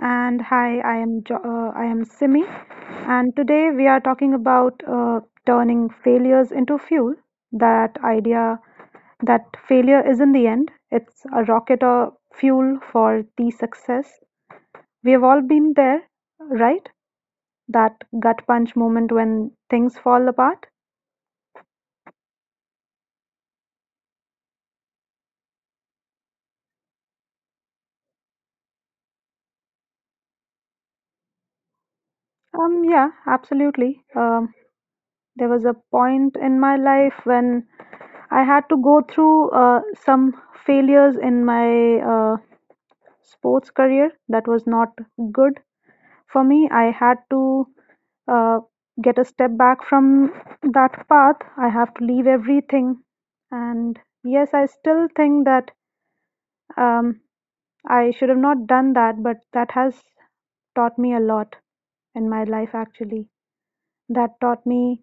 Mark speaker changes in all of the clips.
Speaker 1: And hi, I am I am Simi, and today we are talking about turning failures into fuel. That idea that failure isn't the end; it's a rocket or fuel for the success. We have all been there, right? That gut punch moment when things fall apart? Yeah, absolutely. There was a point in my life when I had to go through some failures in my sports career that was not good for me. I had to uh, get a step back from that path. I have to leave everything. And yes, I still think that um, I should have not done that, but that has taught me a lot in my life. Actually, that taught me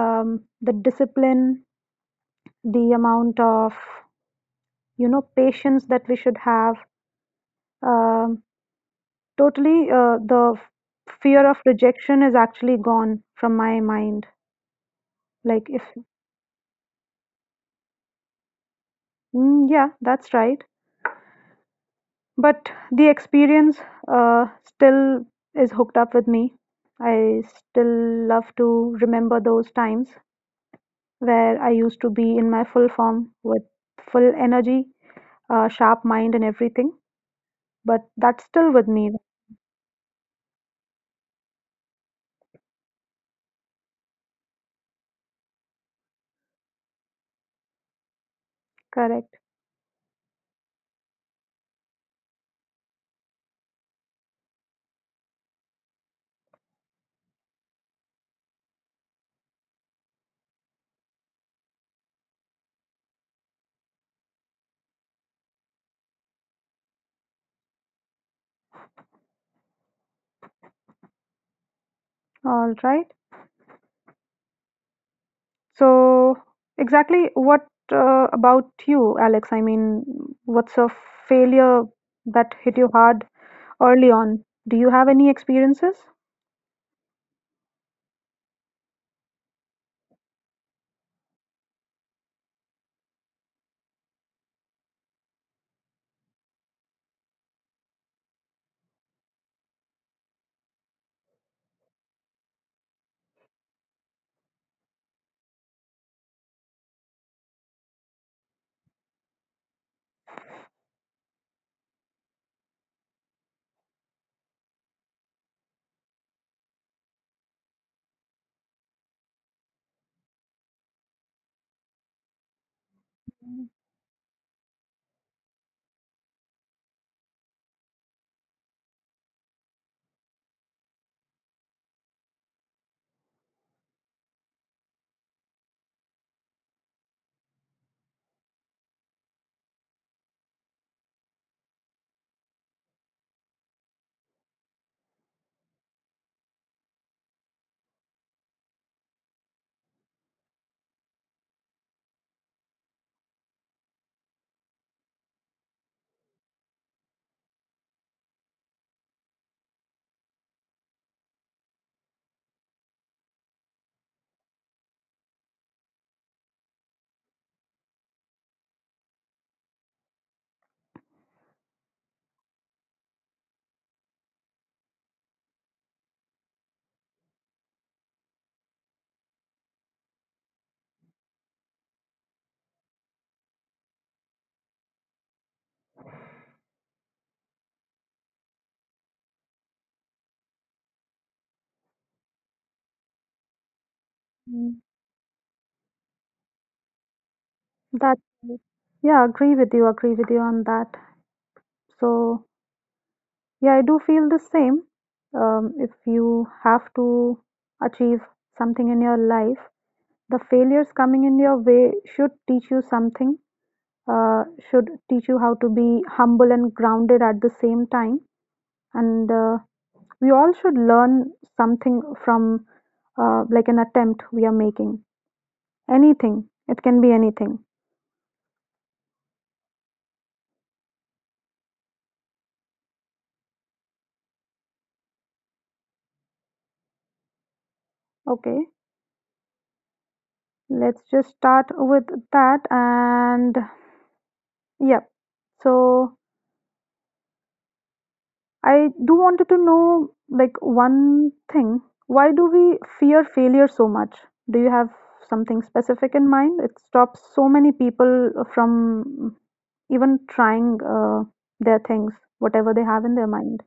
Speaker 1: the discipline, the amount of patience that we should have, um, totally. Uh, the fear of rejection is actually gone from my mind. Like, if yeah, that's right, but the experience still is hooked up with me. I still love to remember those times where I used to be in my full form, with full energy, sharp mind and everything. But that's still with me. Correct. All right. So, exactly what about you, Alex? I mean, what's a failure that hit you hard early on? Do you have any experiences? Mhm. That, yeah, agree with you on that. So, yeah, I do feel the same. If you have to achieve something in your life, the failures coming in your way should teach you something, uh, should teach you how to be humble and grounded at the same time. And we all should learn something from like an attempt we are making. Anything, it can be anything. Okay, let's just start with that. And yep, so I do wanted to know, like, one thing. Why do we fear failure so much? Do you have something specific in mind? It stops so many people from even trying their things, whatever they have in their mind.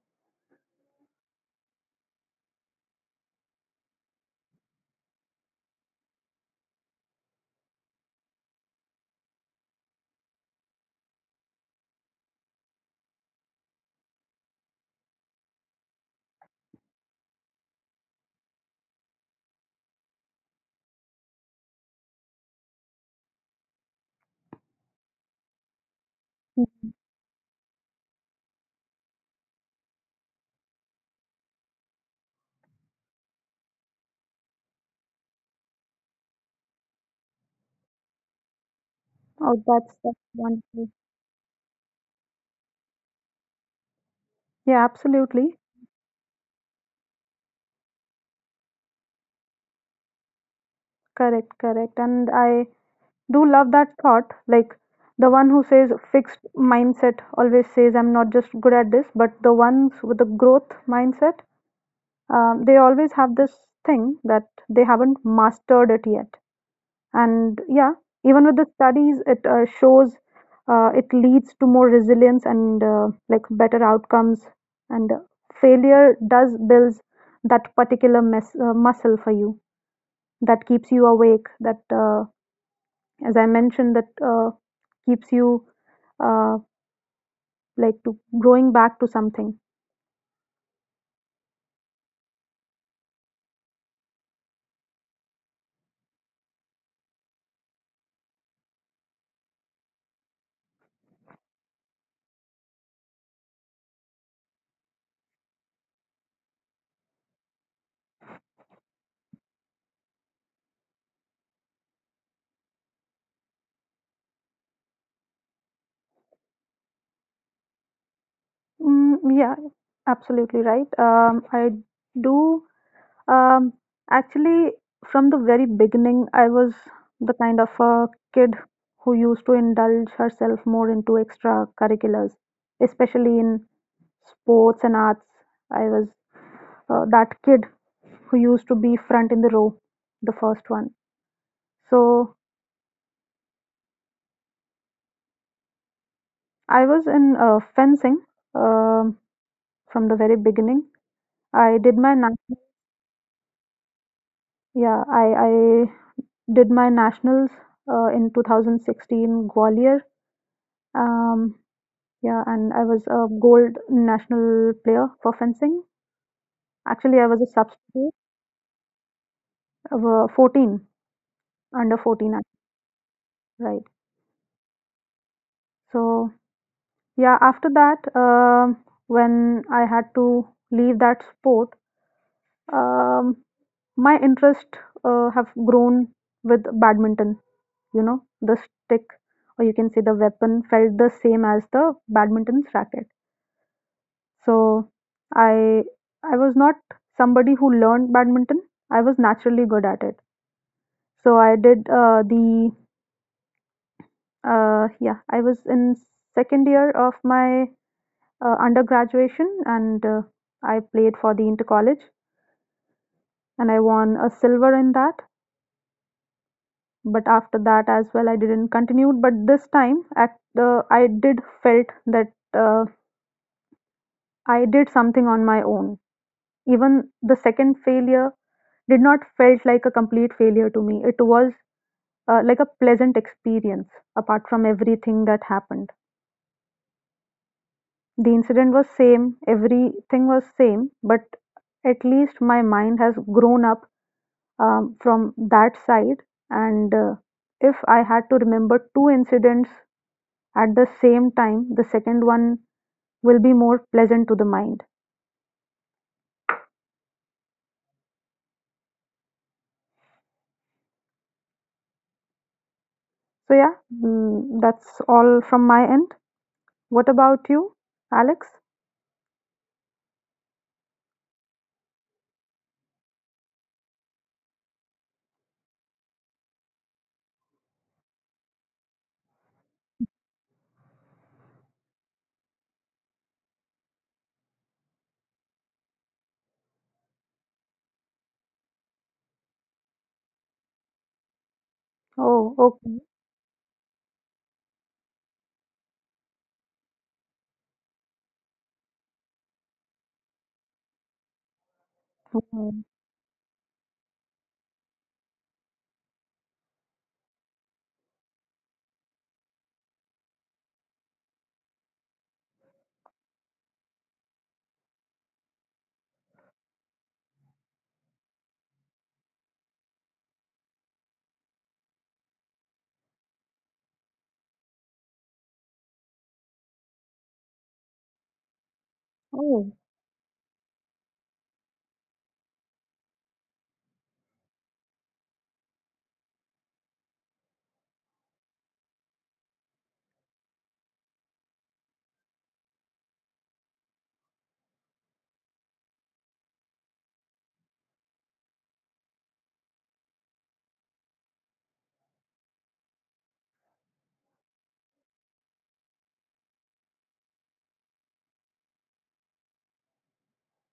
Speaker 1: Mm. Oh, that's wonderful. Yeah, absolutely. Correct, correct. And I do love that thought. Like, the one who says fixed mindset always says, I'm not just good at this, but the ones with the growth mindset, they always have this thing that they haven't mastered it yet. And yeah, even with the studies, it shows it leads to more resilience and like better outcomes. And failure does builds that particular mes muscle for you that keeps you awake. That, as I mentioned, that keeps you uh, like to going back to something. Mm, yeah, absolutely right. I do Um, actually, from the very beginning, I was the kind of a kid who used to indulge herself more into extracurriculars, especially in sports and arts. I was that kid who used to be front in the row, the first one. So I was in fencing um, from the very beginning. I did my I did my nationals in 2016 Gwalior. Um, Yeah, and I was a gold national player for fencing. Actually, I was a substitute of 14, under 14, right. So, yeah, after that, when I had to leave that sport, um, my interest have grown with badminton. You know, the stick, or you can say the weapon, felt the same as the badminton's racket. So, I I was not somebody who learned badminton. I was naturally good at it. So I did the yeah, I was in second year of my undergraduation, and I played for the inter college, and I won a silver in that. But after that as well, I didn't continue. But this time, I did felt that I did something on my own. Even the second failure did not felt like a complete failure to me. It was like a pleasant experience apart from everything that happened. The incident was same, everything was same, but at least my mind has grown up from that side. And if I had to remember two incidents at the same time, the second one will be more pleasant to the mind. So yeah, mm, that's all from my end. What about you, Alex? Oh, okay. Mhm. Oh,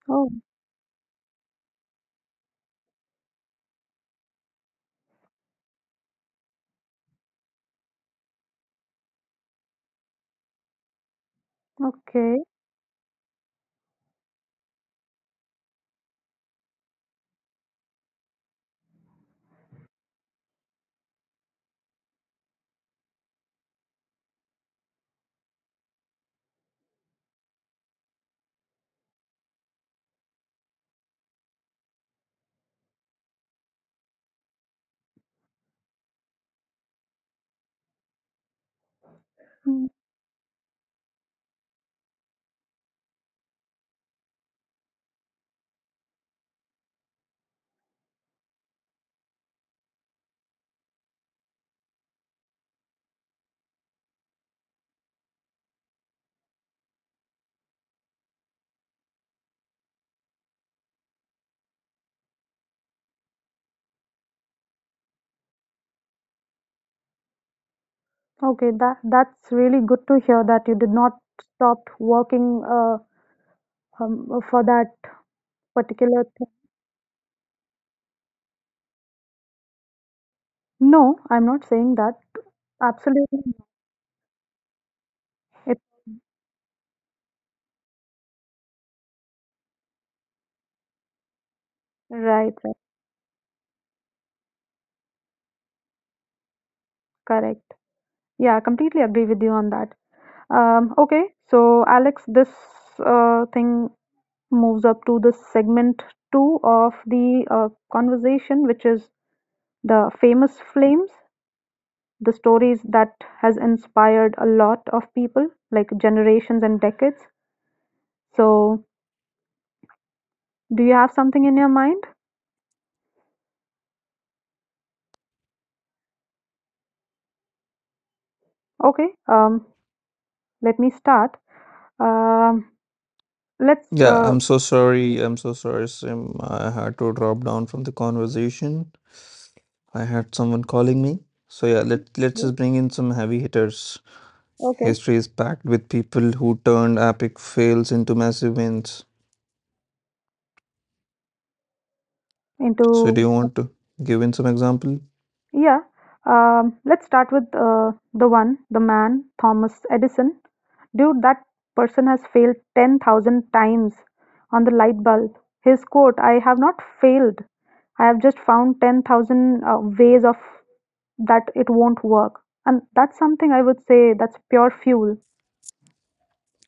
Speaker 1: oh, okay. Mm, okay, that's really good to hear that you did not stop working for that particular thing. No, I'm not saying that. Absolutely no. It, right, right, correct. Yeah, I completely agree with you on that. Okay, so Alex, this thing moves up to the segment two of the conversation, which is the famous flames, the stories that has inspired a lot of people, like generations and decades. So, do you have something in your mind? Okay, let me start. Um, Let's
Speaker 2: Yeah, I'm so sorry. I'm so sorry, Sim. I had to drop down from the conversation. I had someone calling me. So yeah, let's
Speaker 1: okay,
Speaker 2: just bring in some heavy hitters.
Speaker 1: okay,
Speaker 2: History is packed with people who turned epic fails into massive wins. So do
Speaker 1: into
Speaker 2: you want to give in some example?
Speaker 1: yeah. Let's start with the one, the man, Thomas Edison. Dude, that person has failed 10,000 times on the light bulb. His quote, I have not failed. I have just found 10,000 ways of that it won't work. And that's something I would say that's pure fuel.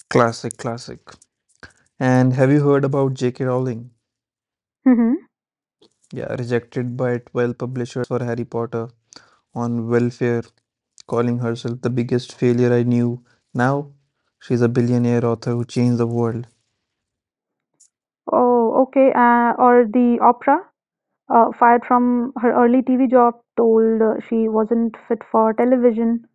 Speaker 2: Classic, classic. And have you heard about J.K. Rowling?
Speaker 1: Hmm.
Speaker 2: Yeah, rejected by 12 publishers for Harry Potter on welfare, calling herself the biggest failure I knew. Now she's a billionaire author who changed the world.
Speaker 1: Oh, okay. Or the opera, fired from her early TV job, told she wasn't fit for television,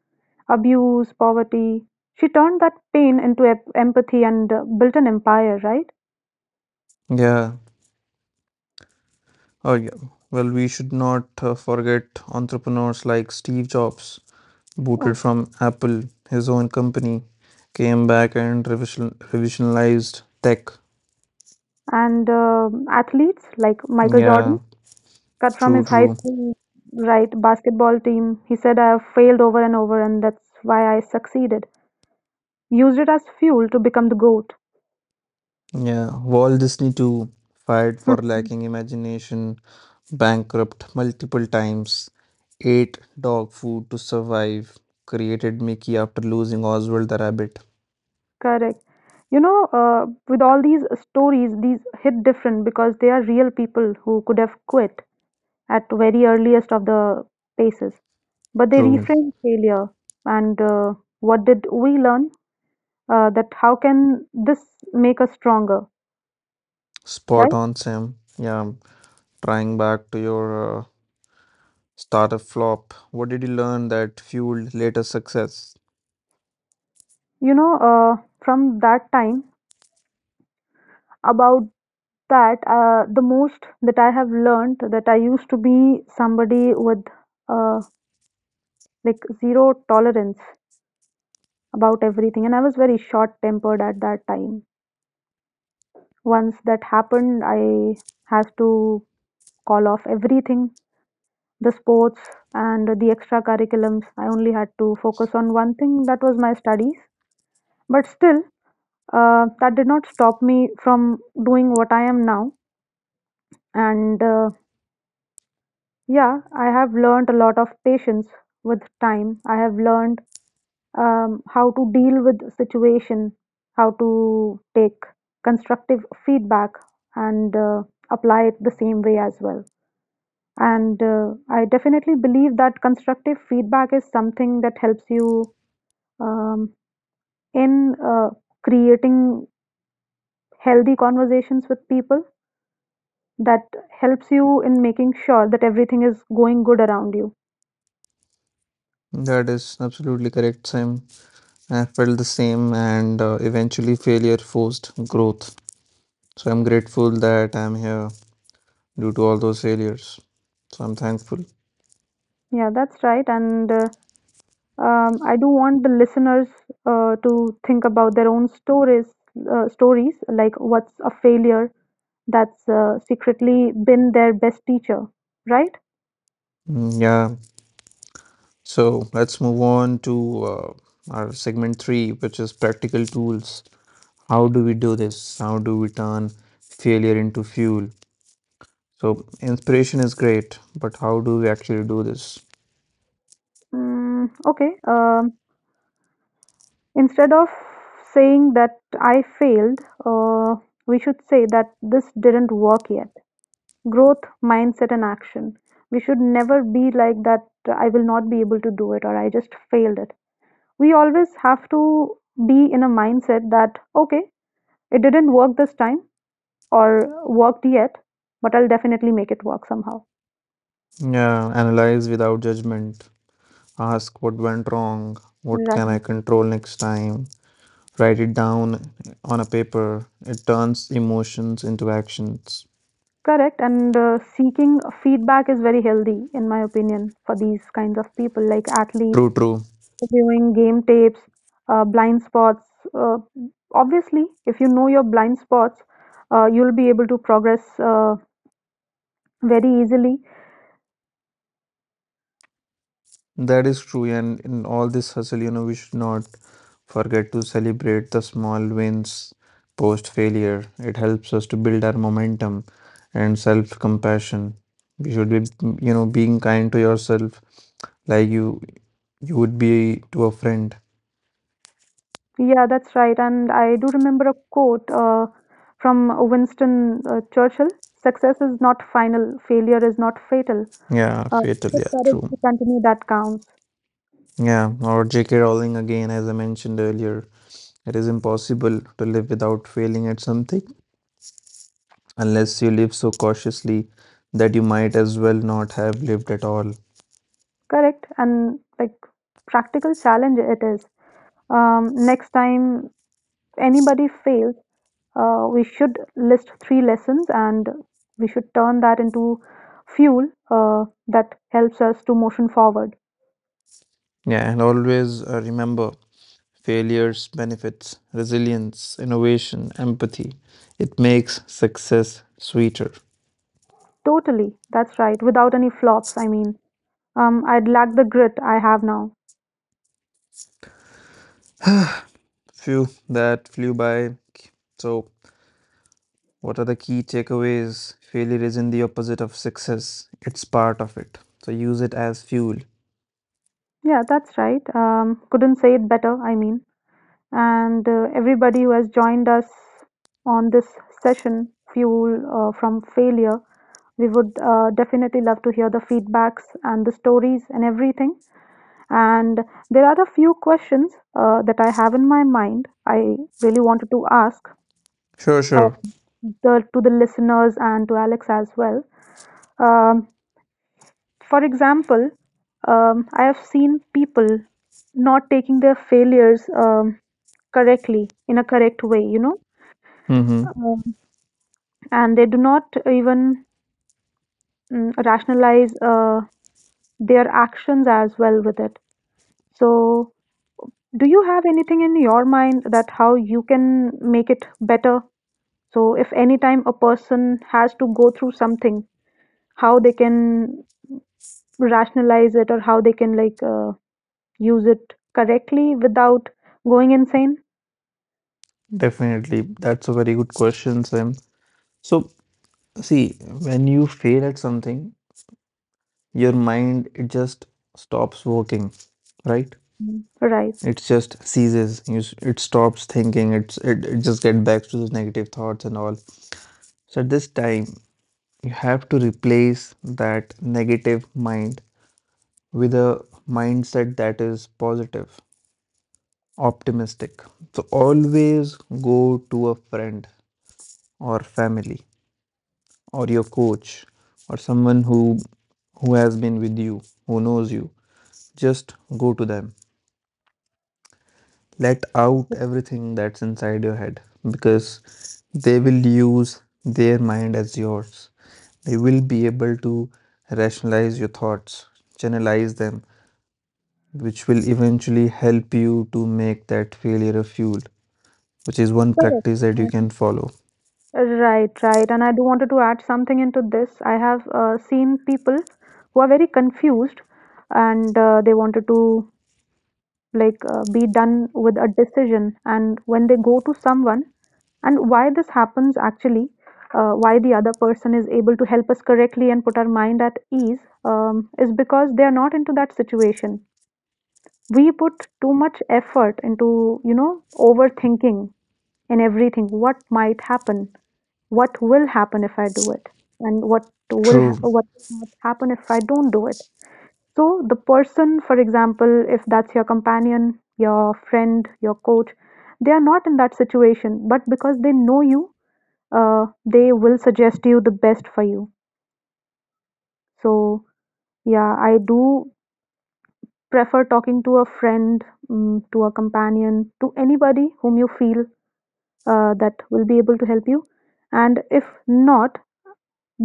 Speaker 1: abuse, poverty. She turned that pain into empathy and built an empire, right?
Speaker 2: Yeah. Oh, yeah. Well, we should not forget entrepreneurs like Steve Jobs, booted
Speaker 1: Oh.
Speaker 2: from Apple, his own company, came back and revisionalized tech.
Speaker 1: And athletes like Michael Jordan,
Speaker 2: Yeah,
Speaker 1: cut from
Speaker 2: true,
Speaker 1: his high
Speaker 2: true.
Speaker 1: school, right, basketball team. He said, I have failed over and over, and that's why I succeeded. Used it as fuel to become the GOAT.
Speaker 2: Yeah, Walt Disney too, fired for lacking imagination, bankrupt multiple times, ate dog food to survive, created Mickey after losing Oswald the Rabbit.
Speaker 1: Correct. You know, with all these stories, these hit different because they are real people who could have quit at very earliest of the paces. But they
Speaker 2: True.
Speaker 1: reframe failure. And what did we learn? That how can this make us stronger,
Speaker 2: Spot
Speaker 1: right?
Speaker 2: on, Sam. Yeah, trying back to your startup flop, what did you learn that fueled later success?
Speaker 1: You know, from that time about that, the most that I have learned, that I used to be somebody with uh, like zero tolerance about everything, and I was very short tempered at that time. Once that happened, I had to call off everything, the sports and the extra curriculums. I only had to focus on one thing, that was my studies, but still that did not stop me from doing what I am now. And yeah, I have learned a lot of patience with time. I have learned how to deal with situation, how to take constructive feedback and apply it the same way as well. And I definitely believe that constructive feedback is something that helps you um, in creating healthy conversations with people. That helps you in making sure that everything is going good around you.
Speaker 2: That is absolutely correct, Sam. I felt the same, and eventually failure forced growth. So I'm grateful that I'm here due to all those failures. So I'm thankful.
Speaker 1: Yeah, that's right. And I do want the listeners to think about their own stories, stories like, what's a failure that's secretly been their best teacher, right?
Speaker 2: Mm, yeah. So let's move on to uh, our segment three, which is practical tools. How do we do this? How do we turn failure into fuel? So inspiration is great, but how do we actually do this?
Speaker 1: Mm, okay. Instead of saying that I failed, uh, we should say that this didn't work yet. Growth, mindset, and action. We should never be like that. I will not be able to do it, or I just failed it. We always have to be in a mindset that, okay, it didn't work this time, or worked yet, but I'll definitely make it work somehow.
Speaker 2: Yeah. Analyze without judgment. Ask what went wrong. What can
Speaker 1: Right.
Speaker 2: I control next time? Write it down on a paper. It turns emotions into actions.
Speaker 1: Correct. And seeking feedback is very healthy, in my opinion, for these kinds of people like athletes,
Speaker 2: True, true.
Speaker 1: reviewing game tapes, blind spots. Uh, obviously, if you know your blind spots, you'll be able to progress very easily.
Speaker 2: That is true, and in all this hustle, we should not forget to celebrate the small wins post failure. It helps us to build our momentum and self-compassion. We should be, being kind to yourself like you would be to a friend.
Speaker 1: Yeah, that's right. And I do remember a quote from Winston Churchill. Success is not final, failure is not fatal.
Speaker 2: Yeah,
Speaker 1: Uh,
Speaker 2: fatal,
Speaker 1: the
Speaker 2: yeah,
Speaker 1: courage
Speaker 2: true.
Speaker 1: to continue that counts.
Speaker 2: Yeah, or J.K. Rowling again, as I mentioned earlier, it is impossible to live without failing at something, unless you live so cautiously that you might as well not have lived at all.
Speaker 1: Correct. And like practical challenge it is. Next time anybody fails, we should list three lessons and we should turn that into fuel that helps us to motion forward.
Speaker 2: Yeah, and always remember failures, benefits, resilience, innovation, empathy. It makes success sweeter.
Speaker 1: Totally. That's right. Without any flops, I mean. I'd lack the grit I have now.
Speaker 2: Few that flew by. So what are the key takeaways? Failure isn't the opposite of success, it's part of it. So use it as fuel.
Speaker 1: Yeah, that's right. Couldn't say it better, I mean. And everybody who has joined us on this session, Fuel from Failure. We would definitely love to hear the feedbacks and the stories and everything. And there are a few questions that I have in my mind. I really wanted to ask
Speaker 2: Sure,
Speaker 1: uh,
Speaker 2: sure.
Speaker 1: the, to the listeners and to Alex as well. Um, for example, I have seen people not taking their failures correctly in a correct way, you know.
Speaker 2: Mm-hmm.
Speaker 1: Um, and they do not even rationalize their actions as well with it. So, do you have anything in your mind that how you can make it better, so if any time a person has to go through something, how they can rationalize it, or how they can like use it correctly without going insane?
Speaker 2: Definitely. That's a very good question, Sam. So see, when you fail at something, your mind it just stops working, right?
Speaker 1: Mm. Right.
Speaker 2: It just ceases. It stops thinking. It's it just get back to those negative thoughts and all. So at this time, you have to replace that negative mind with a mindset that is positive, optimistic. So always go to a friend or family or your coach or someone who has been with you, who knows you. Just go to them. Let out everything that's inside your head because they will use their mind as yours. They will be able to rationalize your thoughts, channelize them, which will eventually help you to make that failure a fuel, which is one
Speaker 1: Correct.
Speaker 2: practice that you can
Speaker 1: And-
Speaker 2: follow.
Speaker 1: Right, right. And I do wanted to add something into this. I have seen people who are very confused and they wanted to like be done with a decision. And when they go to someone, and why this happens actually, why the other person is able to help us correctly and put our mind at ease, is because they are not into that situation. We put too much effort into, you know, overthinking in everything. What might happen? What will happen if I do it, and
Speaker 2: True.
Speaker 1: what will not happen if I don't do it. So the person, for example, if that's your companion, your friend, your coach, they are not in that situation, but because they know you, they will suggest you the best for you. So yeah, I do prefer talking to a friend, mm, to a companion, to anybody whom you feel that will be able to help you. And if not,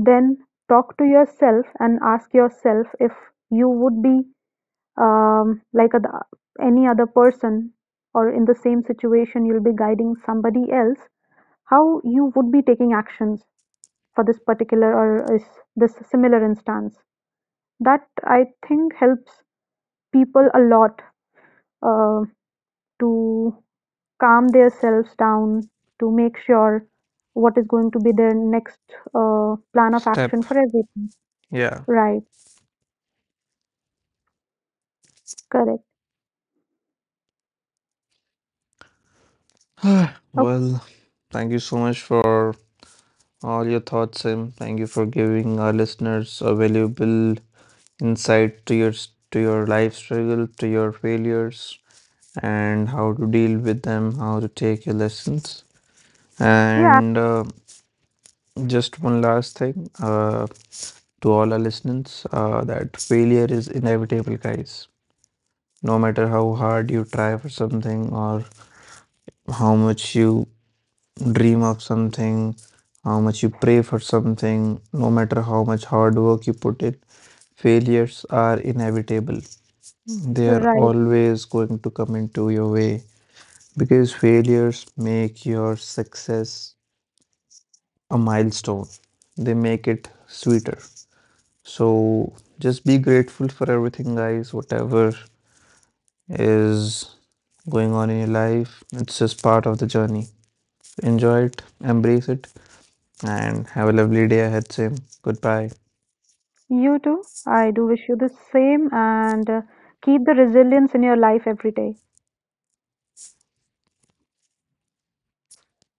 Speaker 1: then talk to yourself and ask yourself, if you would be like other, any other person or in the same situation, you'll be guiding somebody else how you would be taking actions for this particular or is this similar instance. That, I think, helps people a lot uh, to calm themselves down, to make sure what is going to be their next plan of action
Speaker 2: Step.
Speaker 1: for everything.
Speaker 2: Yeah.
Speaker 1: Right. Correct.
Speaker 2: Well, thank you so much for all your thoughts, and thank you for giving our listeners a valuable insight to your life struggle, to your failures, and how to deal with them, how to take your lessons.
Speaker 1: Yeah,
Speaker 2: And just one last thing to all our listeners that failure is inevitable, guys. No matter how hard you try for something or how much you dream of something, how much you pray for something, no matter how much hard work you put in, failures are inevitable. They are
Speaker 1: right.
Speaker 2: always going to come into your way because failures make your success a milestone, they make it sweeter. So just be grateful for everything, guys, whatever is going on in your life. It's just part of the journey. Enjoy it, embrace it, and have a lovely day ahead, Sim. Goodbye.
Speaker 1: You too. I do wish you the same and keep the resilience in your life every day.